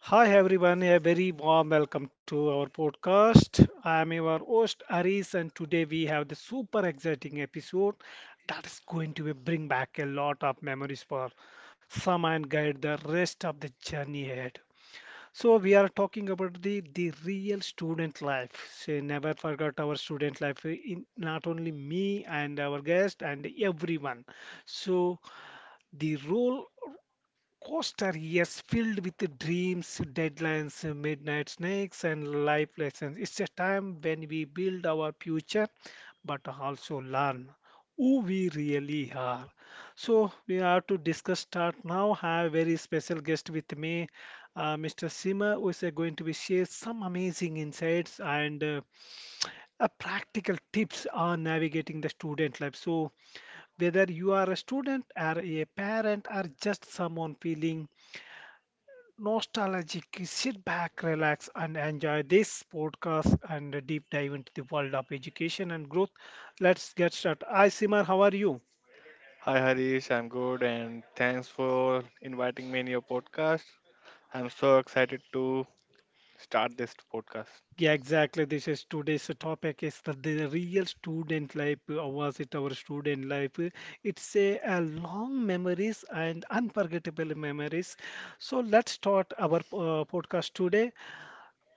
Hi everyone, a very warm welcome to our podcast. I am your host Aris, and today we have the super exciting episode that is going to be bring back a lot of memories for some and guide the rest of the journey ahead. So we are talking about the real student life. Say never forgot our student life in not only me and our guest and everyone. So the role Coaster, yes, filled with dreams, deadlines, midnight snakes, and life lessons. It's a time when we build our future, but also learn who we really are. So we are to discuss start now. I have a very special guest with me, Mr. Sima, who is going to be share some amazing insights and practical tips on navigating the student life. So whether you are a student or a parent or just someone feeling nostalgic. Sit back, relax, and enjoy this podcast and a deep dive into the world of education and growth. Let's get started. Hi, Simar, how are you? Hi Harish, I'm good and thanks for inviting me in your podcast. I'm so excited to start this podcast. Yeah, exactly. This is today's topic is the real student life. Was it our student life? It's a long memories and unforgettable memories. So let's start our podcast today.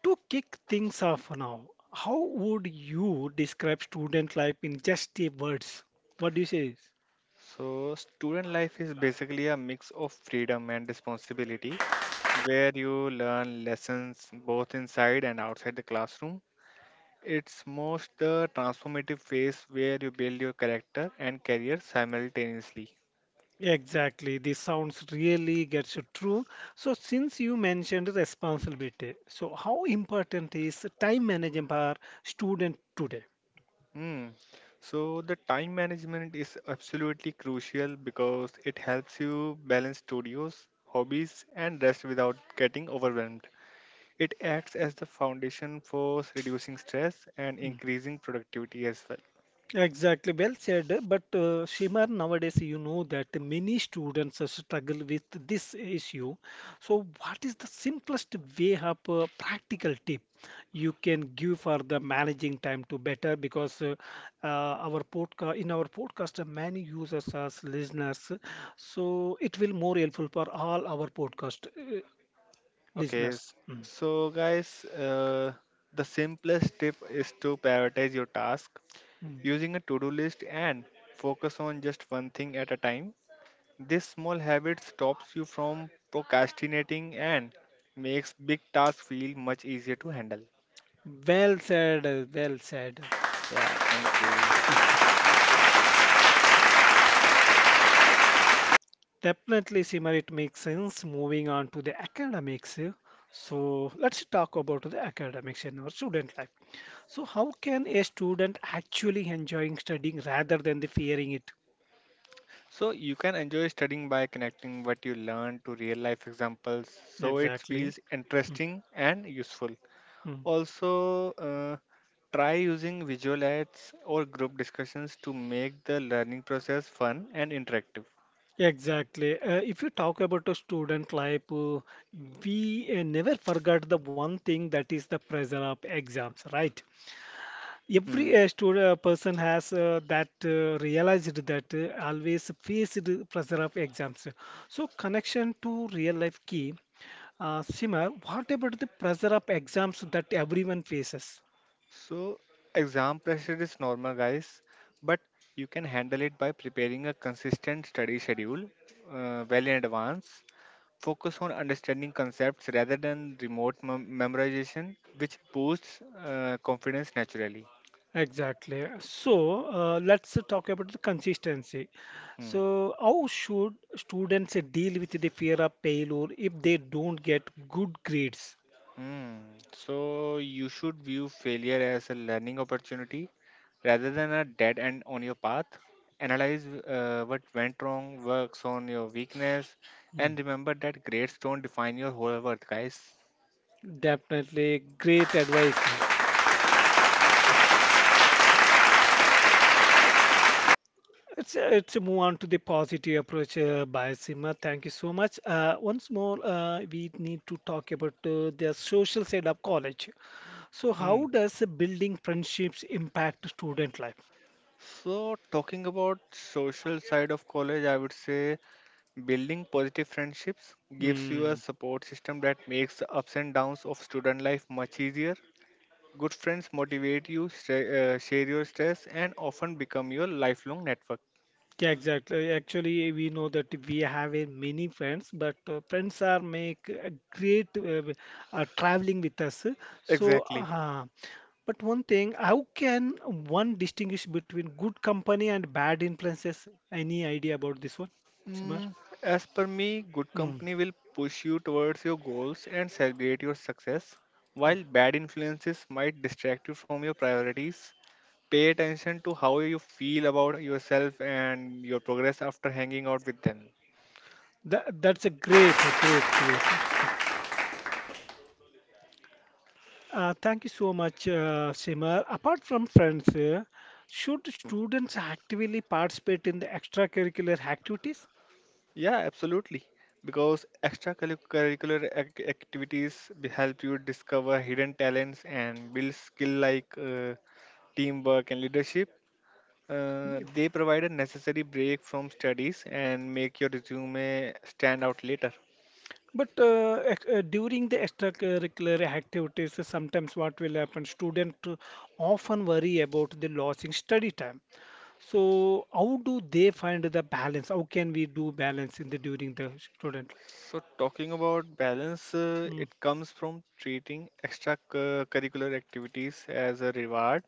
To kick things off now, how would you describe student life in just a words? What do you say? So, student life is basically a mix of freedom and responsibility where you learn lessons both inside and outside the classroom. It's most the transformative phase where you build your character and career simultaneously. Exactly, this sounds really gets you through. So, since you mentioned responsibility, so how important is time management for student today? Hmm. So the time management is absolutely crucial because it helps you balance studios, hobbies, and rest without getting overwhelmed. It acts as the foundation for reducing stress and increasing productivity as well. Exactly, well said. But Shimar, nowadays you know that many students struggle with this issue. So, what is the simplest way of practical tip you can give for the managing time to better? Because our podcast in our podcast, many users as listeners, so it will more helpful for all our podcast Okay, s- listeners. So guys, uh, the simplest tip is to prioritize your task mm. using a to-do list and focus on just one thing at a time. This small habit stops you from procrastinating and makes big tasks feel much easier to handle. Well said. Well said. Yeah, thank you. Definitely, Simar, it makes sense. Moving on to the academics. So let's talk about the academics in our student life. So how can a student actually enjoying studying rather than the fearing it? So you can enjoy studying by connecting what you learn to real life examples so it Exactly. feels interesting and useful. Mm. Also, try using visual aids or group discussions to make the learning process fun and interactive. Exactly. If you talk about a student life, we never forget the one thing that is the pressure of exams, right? Hmm. Every student person has that realized that always faced the pressure of exams, so connection to real life key. Simar, what about the pressure of exams that everyone faces? So, exam pressure is normal, guys, but you can handle it by preparing a consistent study schedule well in advance. Focus on understanding concepts rather than memorization, which boosts confidence naturally. Exactly, so let's talk about the consistency. Hmm. So how should students deal with the fear of failure if they don't get good grades? Hmm. So, you should view failure as a learning opportunity rather than a dead end on your path. Analyze what went wrong, works on your weakness, Mm, and remember that grades don't define your whole worth, guys. Definitely great advice. Let's move on to the positive approach by Sima. Thank you so much. Once more, we need to talk about the social side of college. So, Hmm. how does building friendships impact student life? So, talking about social side of college, I would say building positive friendships gives you a Hmm. support system that makes the ups and downs of student life much easier. Good friends motivate you, share your stress, and often become your lifelong network. Yeah, exactly. Actually, we know that we have a many friends, but friends are make a great traveling with us. So, Exactly. But one thing, how can one distinguish between good company and bad influences? Any idea about this one, Simar? Mm, as per me, good Mm. company will push you towards your goals and celebrate your success, while bad influences might distract you from your priorities. Pay attention to how you feel about yourself and your progress after hanging out with them. That's a great. Thank you so much, Simar. Apart from friends, should students actively participate in the extracurricular activities? Yeah, absolutely. Because activities will help you discover hidden talents and build skill like teamwork and leadership. Yeah. They provide a necessary break from studies and make your resume stand out later. But during the extracurricular activities, sometimes what will happen? Student often worry about the losing study time. So how do they find the balance? How can we do balance in the during the student life? So, talking about balance, Mm, it comes from treating curricular activities as a reward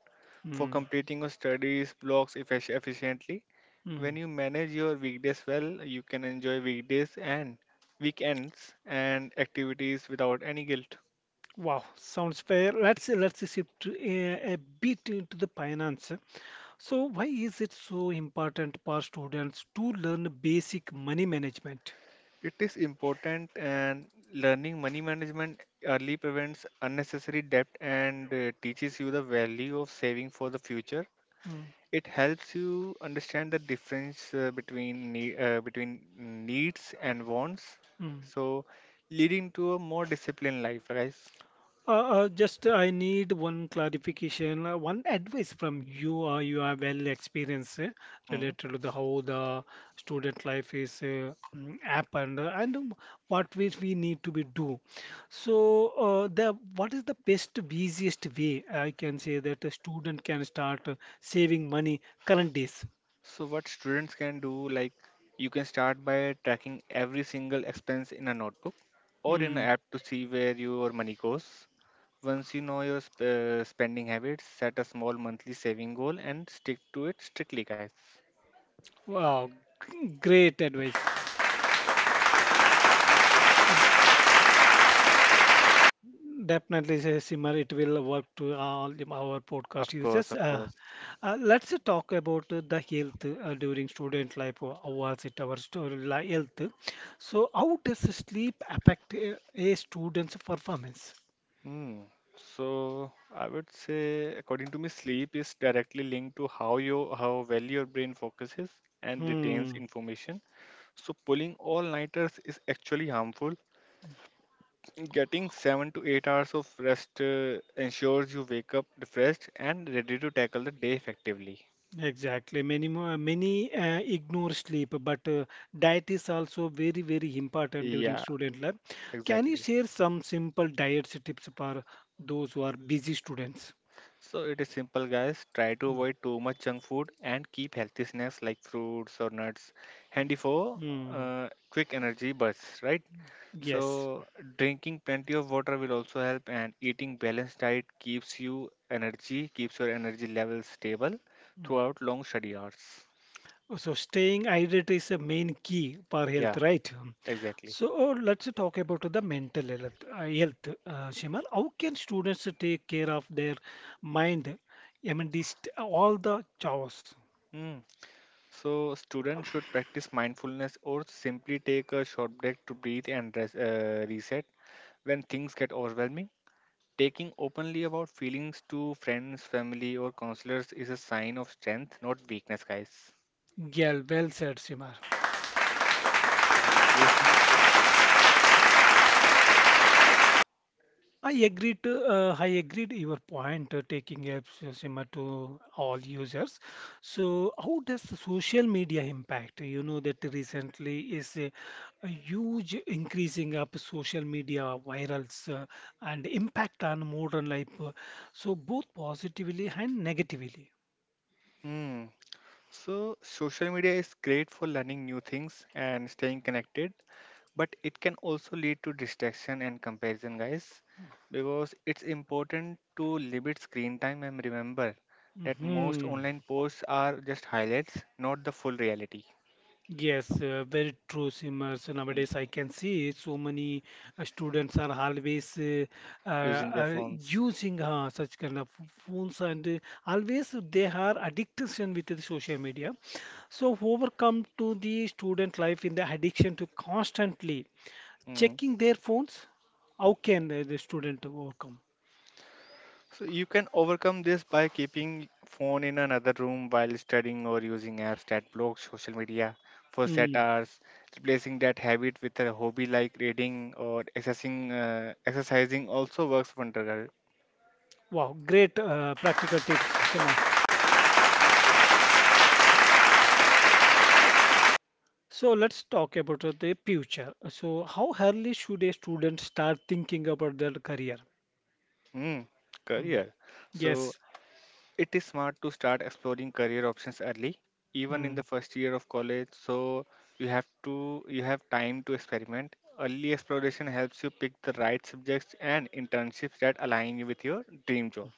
for mm, completing your studies blocks efficiently. When mm. you manage your weekdays well, you can enjoy weekdays and weekends and activities without any guilt. Wow, sounds fair. Let's shift a bit into the finance. So why is it so important for students to learn basic money management? It is important, and learning money management early prevents unnecessary debt and teaches you the value of saving for the future. Mm, It helps you understand the difference between needs and wants, mm. so leading to a more disciplined life, guys. Just I need one clarification, one advice from you. You are well experienced Mhm. related to the how the student life is happened and what ways we need to be do. So, the what is the best easiest way I can say that a student can start saving money current days? So what students can do, like, you can start by tracking every single expense in a notebook or in an Mm. app to see where your money goes. Once you know your spending habits, set a small monthly saving goal and stick to it strictly, guys. Wow, great advice. Definitely, say, Simar, it will work to all the- our podcast Of course, users. of course. Let's talk about the health during student life. Or was it our health? So, how does sleep affect a student's performance? Hmm. So I would say, according to me, sleep is directly linked to how well your brain focuses and retains Hmm, information. So pulling all-nighters is actually harmful. Getting 7 to 8 hours of rest ensures you wake up refreshed and ready to tackle the day effectively. exactly. Many more, many ignore sleep, but diet is also very, very important during Yeah, student life. Can you exactly. share some simple diet tips for those who are busy students? So it is simple, guys. Try to avoid too much junk food and keep healthy snacks like fruits or nuts handy for Hmm. Quick energy bursts, right? Yes. So drinking plenty of water will also help, and eating balanced diet keeps your energy levels stable throughout long study hours. So staying hydrated is a main key for health, Yeah, right? exactly. So let's talk about the mental health. Health, Shimal, how can students take care of their mind? I mean, this all the chores. Mm. So students should practice mindfulness or simply take a short break to breathe and reset when things get overwhelming. Taking openly about feelings to friends, family, or counselors is a sign of strength, not weakness, guys. Yeah, well said, Shimal. Thank you. I agreed to, I agreed your point taking apps similar to all users. So how does the social media impact? You know that recently is a huge increasing up social media virals and impact on modern life. So both positively and negatively. Hmm. So, social media is great for learning new things and staying connected, but it can also lead to distraction and comparison, guys, because it's important to limit screen time and remember that most Hmm. online posts are just highlights, not the full reality. Yes, very true, Simar. So nowadays Mm, I can see so many students are always using their phones. using such kind of phones and always they are addiction with the social media. So overcome to the student life in the addiction to constantly Hmm. checking their phones. How can the student overcome? So you can overcome this by keeping phone in another room while studying or using apps that block social media for set Mm. hours, replacing that habit with a hobby like reading or exercising. Exercising also works wonder. Wow, great practical tips, Simar. So let's talk about the future. So how early should a student start thinking about their career? Mm, Mm. career. So Yes. it is smart to start exploring career options early, even in the Mm. first year of college. So you have time to experiment. Early exploration helps you pick the right subjects and internships that align with your dream job.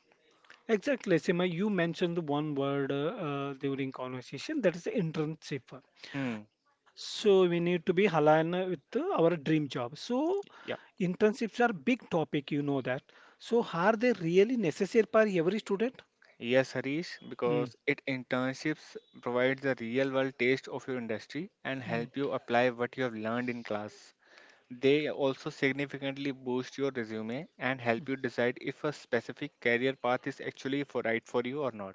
Exactly, Seema, you mentioned one word during conversation that is internship. Hmm. So we need to be aligned with our dream job. So Yeah. internships are big topic, you know that. So are they really necessary for every student? Yes, Harish, Mm. because it internships provide the real world taste of your industry and Mm. help you apply what you have learned in class. They also significantly boost your resume and help you decide if a specific career path is actually for right for you or not.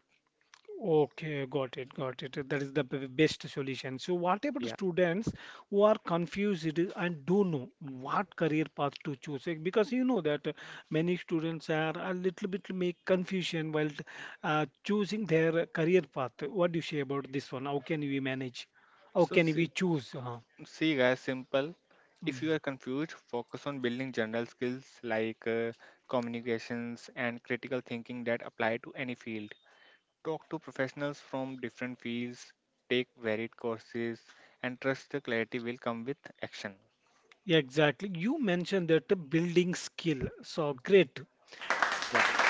Okay, got it, got it. That is the best solution. So, what about Yeah. students who are confused and don't know what career path to choose? Like, because you know that many students are a little bit make confusion while choosing their career path. What do you say about this one? How can we manage? How So can we see, choose? See guys, simple. If you are mm. confused, focus on building general skills like communications and critical thinking that apply to any field. Talk to professionals from different fields, take varied courses, and trust the clarity will come with action. Yeah, exactly. You mentioned that building skill. So great. Yeah.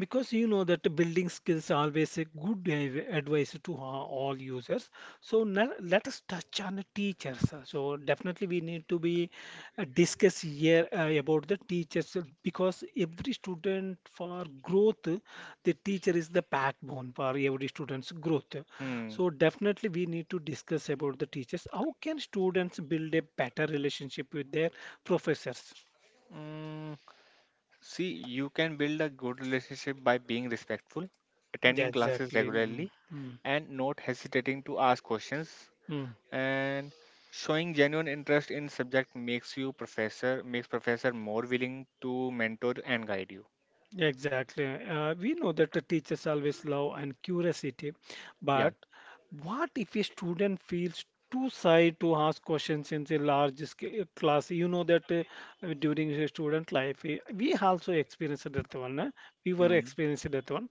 Because you know that the building skills are always a good advice to all users. So now let us touch on the teachers. So definitely we need to be discuss here about the teachers because every student for growth the teacher is the backbone for every student's growth. Hmm. So definitely we need to discuss about the teachers. How can students build a better relationship with their professors? Mm, see, you can build a good relationship by being respectful, yeah attending classes exactly mm regularly, mm, and not hesitating to ask questions. mm. And showing genuine interest in subject makes professor more willing to mentor and guide you. Yeah, exactly. We know that the teachers always love and curiosity, Yeah. but what if a student feels too shy to ask questions in the large class? You know that during the student life, eh, we also experienced that one. Eh? We were Hmm. experiencing that one.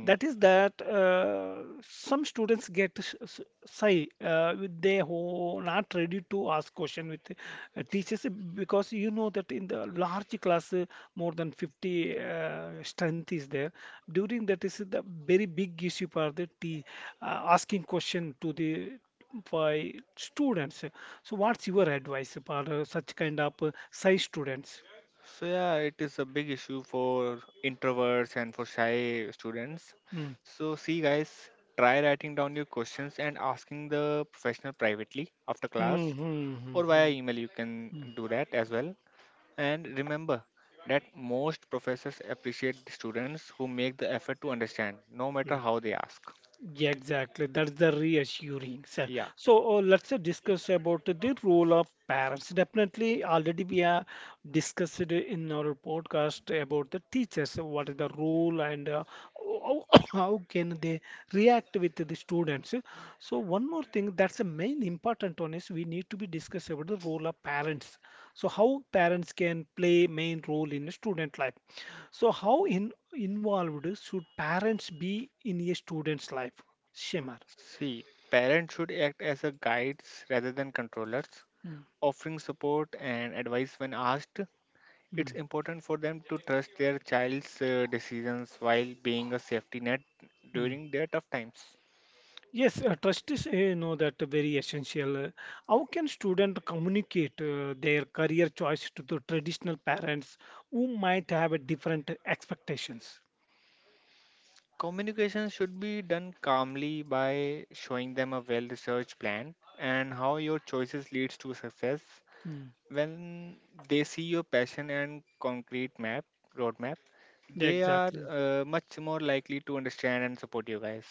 That is that some students get Sai, they who not ready to ask question with teachers because you know that in the large class more than 50 strength is there. During that is the very big issue for the te asking question to the by students. So what's your advice for such kind of size students? So yeah, it is a big issue for introverts and for shy students. Mm. So see guys, try writing down your questions and asking the professional privately after class or via Mm-hmm. email you can do that as well. And remember that most professors appreciate the students who make the effort to understand no matter how they ask. Yeah, exactly. That's the reassuring. So, Yeah. so, uh, let's discuss about the role of parents. Definitely, already we have discussed it in our podcast about the teachers. What is the role and how, how can they react with the students? So, one more thing that's a main important one is we need to be discuss about the role of parents. So, how parents can play main role in a student life. So, how involved should parents be in a student's life? Shemar. See, parents should act as a guides rather than controllers, Mm, offering support and advice when asked. It's mm, important for them to trust their child's decisions while being a safety net mm. during their tough times. Yes, trust is you know that very essential. How can student communicate their career choice to the traditional parents who might have a different expectations? Communication should be done calmly by showing them a well researched plan and how your choices leads to success. Mm, When they see your passion and concrete map roadmap, yeah, they are exactly. Much more likely to understand and support you guys.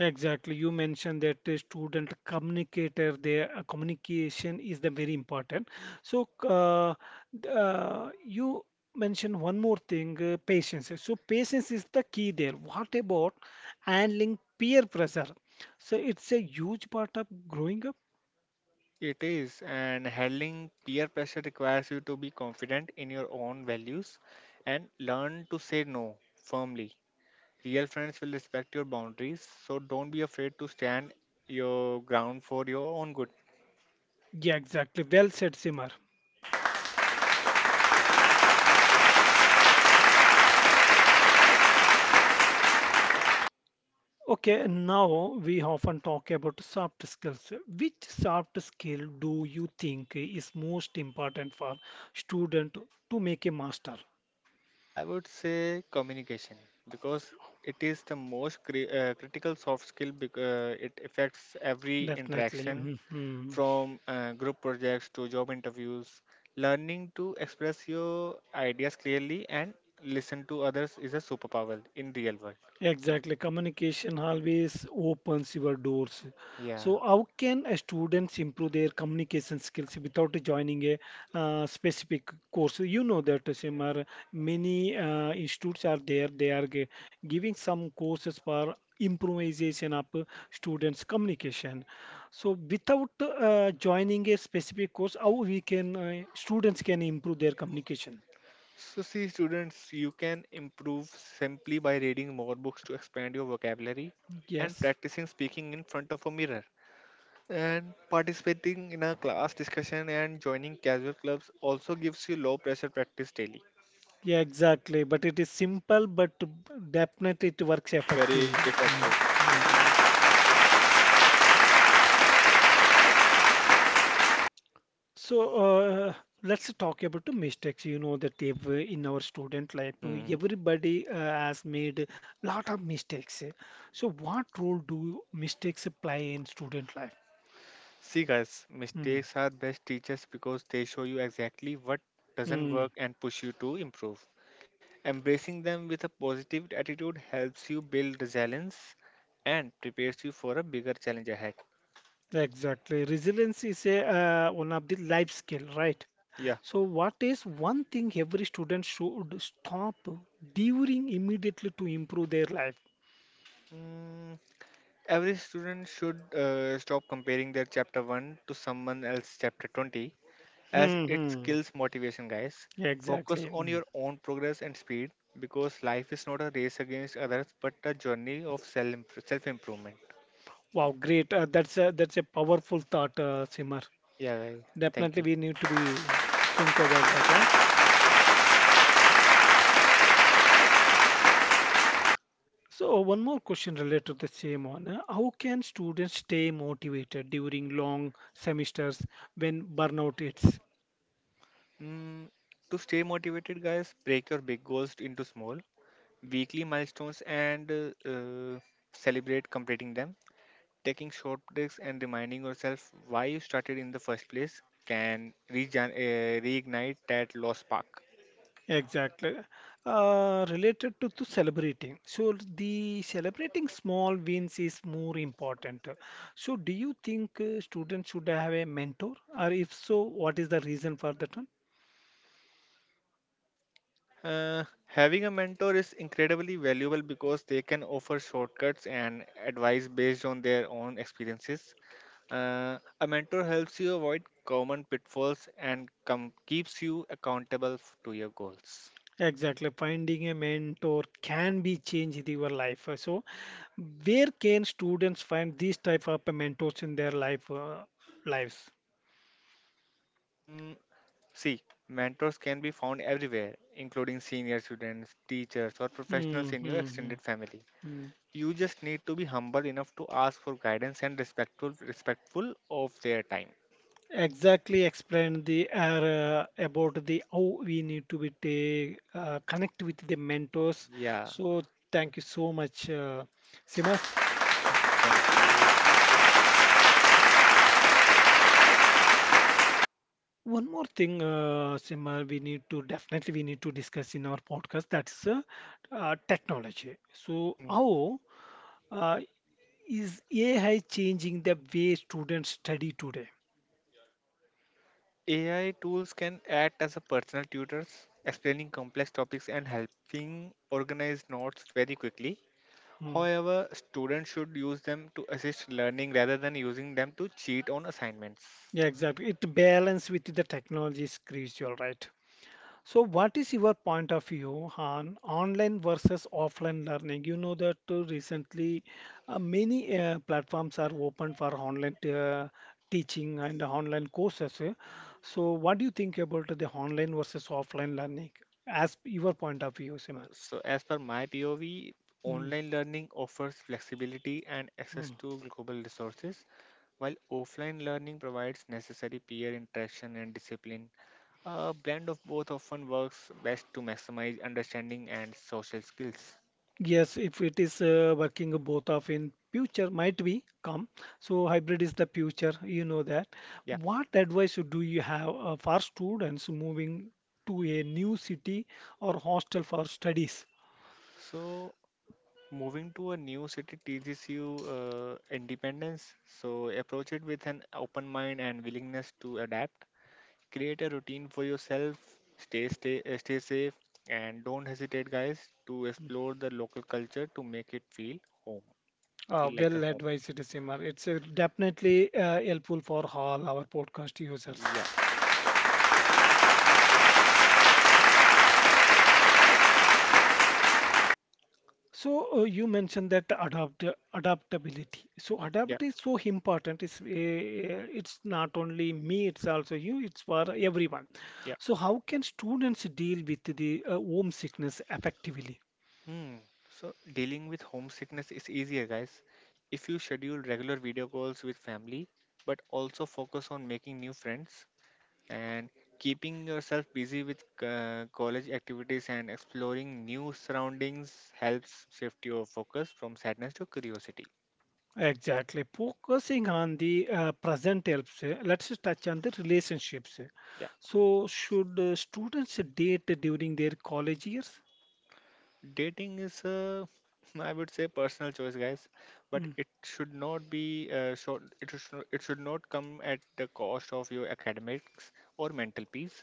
Exactly. You mentioned that the student communicator, their communication is the very important. So you mentioned one more thing, patience. So patience is the key there. What about handling peer pressure? So it's a huge part of growing up. It is, and handling peer pressure requires you to be confident in your own values and learn to say no firmly. Real friends will respect your boundaries, so don't be afraid to stand your ground for your own good. Yeah, exactly. Well said, Simar. Okay, now we often talk about soft skills. Which soft skill do you think is most important for student to make a master? I would say communication because it is the most critical soft skill because it affects every Definitely. interaction Mhm. from group projects to job interviews. Learning to express your ideas clearly and listen to others is a superpower in real world. Exactly. Communication always opens your doors. Yeah. So, how can a students improve their communication skills without joining a specific course? You know that Simar, many institutes are there. They are giving some courses for improvisation of students' communication. So, without joining a specific course, how we can students can improve their communication? So see students, you can improve simply by reading more books to expand your vocabulary and Yes. practicing speaking in front of a mirror. And participating in a class discussion and joining casual clubs also gives you low pressure practice daily. Yeah, exactly. But it is simple, but definitely it works Very effectively. effective. Mm. Yeah. So uh, let's talk about the mistakes. You know that if, in our student life, Mhm. everybody has made a lot of mistakes. So what role do mistakes play in student life? See, guys, Mm, mistakes are best teachers because they show you exactly what doesn't mm. work and push you to improve. Embracing them with a positive attitude helps you build resilience and prepares you for a bigger challenge ahead. Exactly. Resilience is a one of the life skill, right? Yeah. So what is one thing every student should stop during immediately to improve their life? Mm, every student should stop comparing their chapter 1 to someone else chapter 20, as Hmm. it hmm. kills motivation, guys. Exactly. Focus on Mm. your own progress and speed because life is not a race against others but a journey of self self improvement. Wow, great. That's a powerful thought, Simar. Yeah, guys. Thank Definitely you. we need to be think about that one. So one more question related to the same one. How can students stay motivated during long semesters when burnout hits? Mm, to stay motivated, guys, break your big goals into small, weekly milestones, and celebrate completing them. Taking short breaks and reminding yourself why you started in the first place can reignite that lost spark. Exactly. Related to celebrating. So the celebrating small wins is more important. So do you think students should have a mentor? Or if so, what is the reason for that one? Having a mentor is incredibly valuable because they can offer shortcuts and advice based on their own experiences. A mentor helps you avoid common pitfalls and keeps you accountable to your goals. Exactly. Finding a mentor can be change your life. So where can students find these type of mentors in their life lives? Mm, see, mentors can be found everywhere, including senior students, teachers, or Hmm. professionals in your hmm, hmm, extended family. hmm. You just need to be humble enough to ask for guidance and respectful of their time. Exactly explain the about the how we need to be take, connect with the mentors. Yeah, So thank you so much, Simar. thank you. One more thing, Simar, we need to definitely we need to discuss in our podcast. That's Technology. So Hmm. how uh, is AI changing the way students study today? AI tools can act as a personal tutors, explaining complex topics and helping organize notes very quickly. Hmm. However, students should use them to assist learning rather than using them to cheat on assignments. Yeah, exactly. It balance with the technology is crucial, right? So, what is your point of view on online versus offline learning? You know that recently many platforms are open for online teaching and online courses. So, what do you think about the online versus offline learning as your point of view, Simar? So, as per my POV, Mm, online learning offers flexibility and access mm. to global resources, while offline learning provides necessary peer interaction and discipline. A blend of both often works best to maximize understanding and social skills. Yes, if it is working both of in future, might be come. So hybrid is the future, you know that. Yeah. What advice do you have for students moving to a new city or hostel for studies? So, moving to a new city teaches you independence, so approach it with an open mind and willingness to adapt. Create a routine for yourself, stay safe, and don't hesitate, guys, to explore the local culture to make it home, feel like a Well home. advised, Simar. It's definitely helpful for all our podcast users. Yeah, So you mentioned that adaptability. So yeah, adapt is so important. It's not only me. It's also you. It's for everyone. yeah. So how can students deal with the homesickness effectively? Hmm. So dealing with homesickness is easier, guys, if you schedule regular video calls with family, but also focus on making new friends and keeping yourself busy with college activities, and exploring new surroundings helps shift your focus from sadness to curiosity. Exactly. Focusing on the present helps. Let's touch on the relationships. Yeah. So should students date during their college years? Dating is a I would say personal choice, guys, but Mm, it should not be short it should not come at the cost of your academics or mental peace.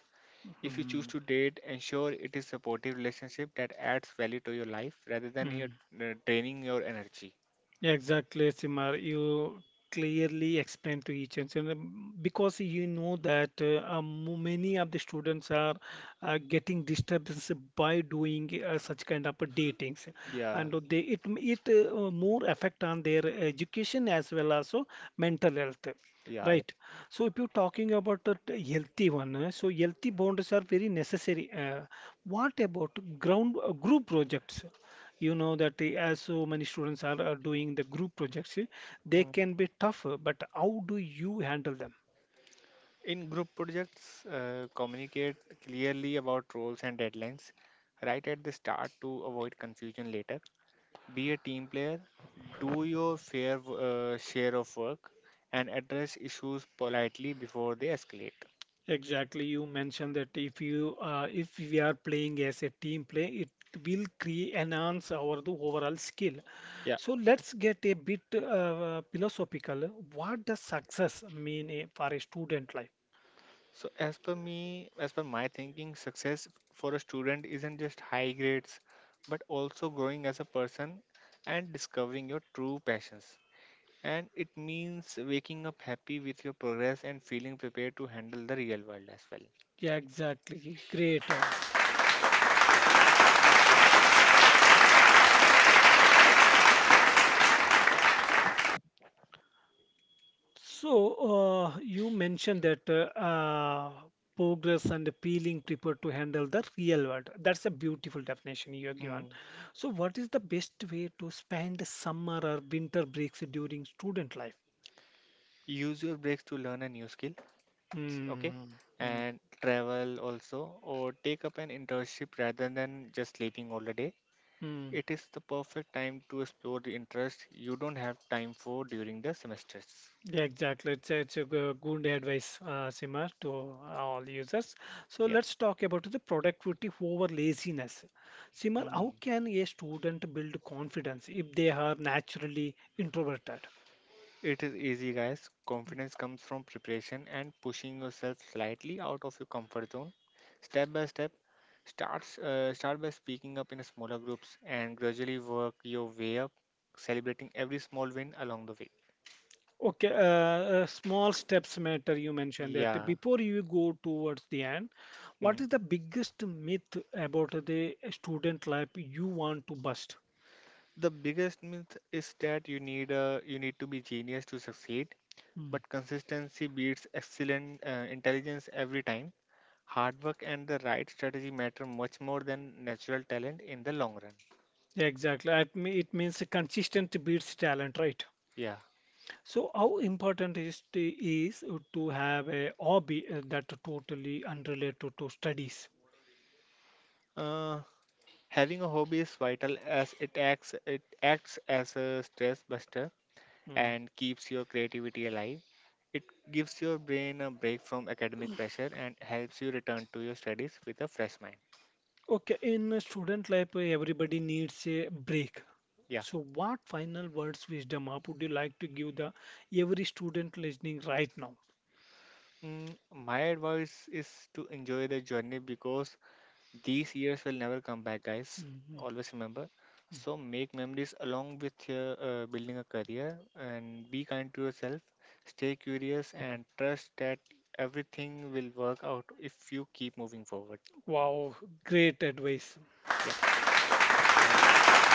If you choose mm, to date, ensure it is supportive relationship that adds value to your life rather than your mm. Draining your energy. Exactly, Simar. You clearly explain to each and on, because you know that many of the students are getting disturbance by doing such kind of datings, Yeah, and they it it more affect on their education as well as mental health. yeah, yeah. Right. So if you're talking about the healthy one, so healthy boundaries are very necessary. What about ground group projects? You know that as so many students are doing the group projects they Hmm. can be tougher but how do you handle them In group projects, communicate clearly about roles and deadlines right at the start to avoid confusion later. Be a team player, do your share of work, and address issues politely before they escalate. exactly you mentioned that if we are playing as a team play it will create enhance our the overall skill Yeah. so let's get a bit philosophical what does success mean for a student life So as per me, as per my thinking, success for a student isn't just high grades, but also growing as a person and discovering your true passions. And it means waking up happy with your progress and feeling prepared to handle the real world as well. yeah exactly great. So, you mentioned that progress and peeling prepared to handle the real world. That's a beautiful definition you have given. Hmm. So, what is the best way to spend summer or winter breaks during student life? Use your breaks to learn a new skill, okay, Hmm. Hmm. and travel also, or take up an internship rather than just sleeping all the day. Hmm. It is the perfect time to explore the interest you don't have time for during the semesters. Yeah, exactly. It's, it's a good advice, Simar, to all users. So Yeah. let's talk about the productivity over laziness. Simar, Hmm. how can a student build confidence if they are naturally introverted? It is easy, guys. Confidence comes from preparation and pushing yourself slightly out of your comfort zone step by step. Start by speaking up in smaller groups and gradually work your way up, celebrating every small win along the way. Okay, small steps matter. You mentioned that Yeah. before you go towards the end, what Mm. is the biggest myth about the student life you want to bust? The biggest myth is that you need to be genius to succeed, Hmm. but consistency beats excellent intelligence every time. Hard work and the right strategy matter much more than natural talent in the long run. Yeah, exactly. It it means consistent beats talent, right? Yeah. So how important is to have a hobby that totally unrelated to studies? Uh, Having a hobby is vital as it acts as a stress buster Hmm. and keeps your creativity alive. It gives your brain a break from academic pressure and helps you return to your studies with a fresh mind. Okay, in a student life, everybody needs a break. Yeah. So, what final words, Wisdom App, would you like to give the every student listening right now? Mm, my advice is to enjoy the journey because these years will never come back, guys. Mhm. Always remember. So make memories along with your building a career, and be kind to yourself. Stay curious and trust that everything will work out if you keep moving forward. Wow, great advice. Yeah. Thank you.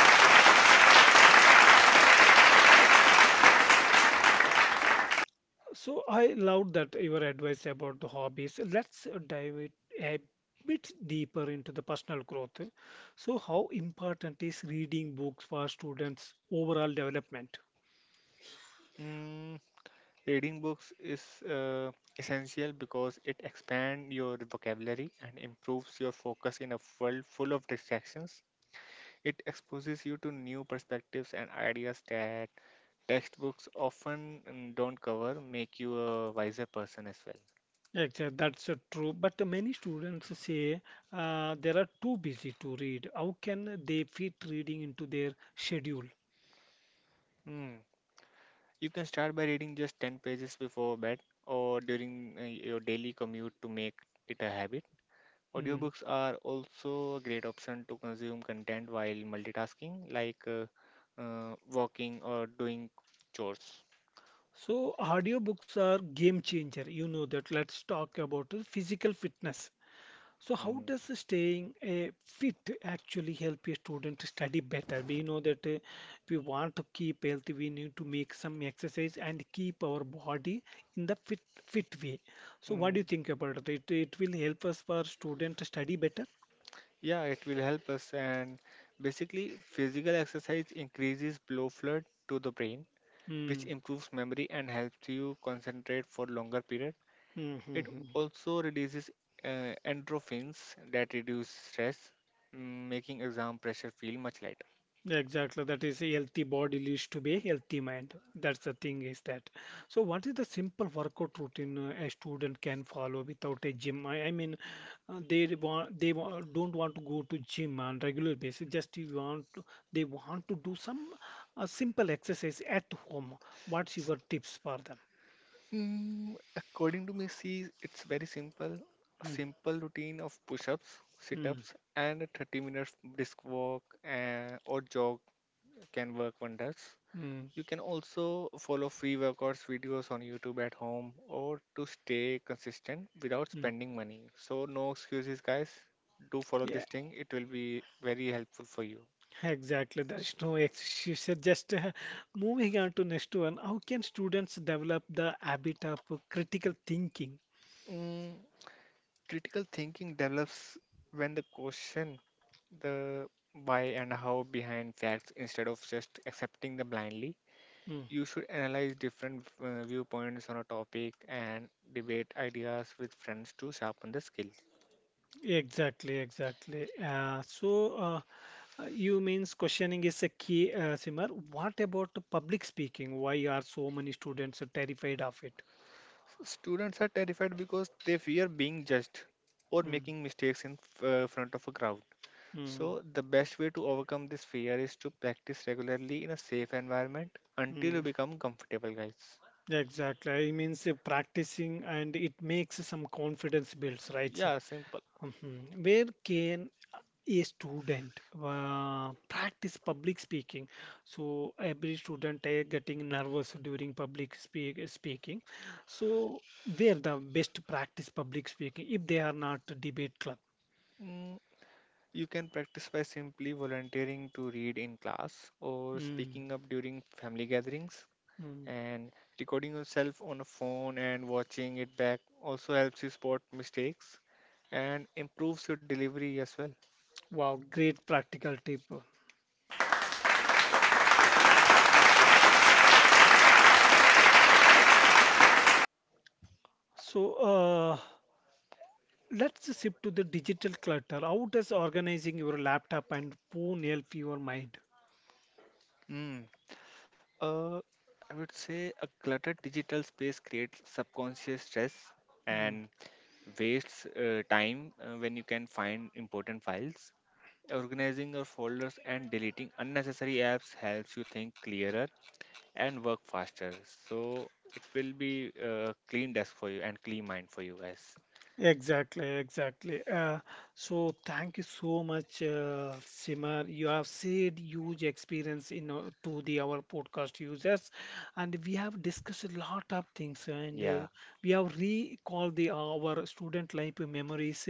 So I loved that your advice about the hobbies. Let's dive it a bit deeper into the personal growth. So how important is reading books for students' overall development? Mm. Reading books is essential because it expands your vocabulary and improves your focus in a world full of distractions. It exposes you to new perspectives and ideas that textbooks often don't cover, make you a wiser person as well. Exactly, that's true. But many students say they are too busy to read. How can they fit reading into their schedule? Hmm. You can start by reading just 10 pages before bed or during your daily commute to make it a habit. Hmm. Audiobooks are also a great option to consume content while multitasking, like walking or doing chores. So audiobooks are game changer. You know that. Let's talk about the physical fitness. So how Mm. does staying fit actually help a student study better? We know that if we want to keep healthy, we need to make some exercise and keep our body in the fit way. So what do Mm. you think about it? It will help us for student to study better. Yeah, it will help us. And basically, physical exercise increases blood flow to the brain, which Hmm. improves memory and helps you concentrate for longer period. Hmm. hmm, It hmm. also releases endorphins that reduce stress, making exam pressure feel much lighter. Yeah, exactly, that is a healthy body leads to be a healthy mind. That's the thing is that. So, what is the simple workout routine a student can follow without a gym? I mean, they want they don't want to go to gym on regular basis. Just you want to, they want to do some simple exercise at home. What's your tips for them? Mm, according to me, see, it's very simple. A Mm, simple routine of push-ups, mm, sit-ups, and a 30 minutes brisk walk or jog can work wonders. mm, You can also follow free workouts videos on YouTube at home or to stay consistent without spending money. So no excuses, guys. Do follow this mm. thing. It will be very helpful for you. Exactly, there is no excuse. So just moving on to next one. How can students develop the habit of critical thinking? Mm, critical thinking develops when the question the why and how behind facts instead of just accepting them blindly. Mm, You should analyze different viewpoints on a topic and debate ideas with friends to sharpen the skills. exactly, exactly. You means questioning is a key, Simar. What about the public speaking? Why are so many students terrified of it? Students are terrified because they fear being judged or Mm, making mistakes in front of a crowd. mm, So, the best way to overcome this fear is to practice regularly in a safe environment until you mm. become comfortable, guys. Exactly. It means practicing and it makes some confidence builds, right? Yeah, simple. Mhm. Where can a student practice public speaking so every student is getting nervous during public speaking so where the best practice public speaking if they are not debate club. Mm, you can practice by simply volunteering to read in class or Mm, speaking up during family gatherings. mm. And recording yourself on a phone and watching it back also helps you spot mistakes and improves your delivery as well. Wow, great practical tip. So let's shift to the digital clutter. How does organizing your laptop and phone help your mind? Mm. Uh, I would say a cluttered digital space creates subconscious stress Hmm. and wastes time when you can find important files. Organizing your folders and deleting unnecessary apps helps you think clearer and work faster. So it will be a clean desk for you and clean mind for you guys. Exactly, exactly. So thank you so much, Simar. You have shared huge experience in to the our podcast users, and we have discussed a lot of things, and Yeah, we have recalled the our student life memories.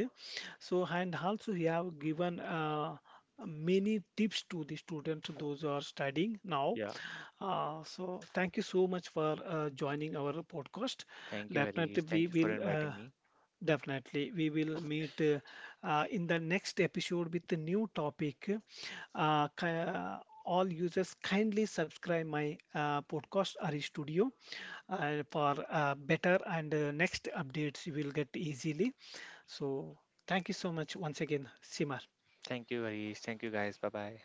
So and also we have given many tips to the students those who are studying now. yeah. So thank you so much for joining our podcast. Thank you, Harish. Definitely Thank we you for will. inviting me. Definitely. We will meet in the next episode with the new topic. Uh, ki- uh, all users kindly subscribe my podcast Ari Studio for better and next updates you will get easily. So thank you so much once again, Simar. Thank you, Harish. Thank you, guys. Bye bye.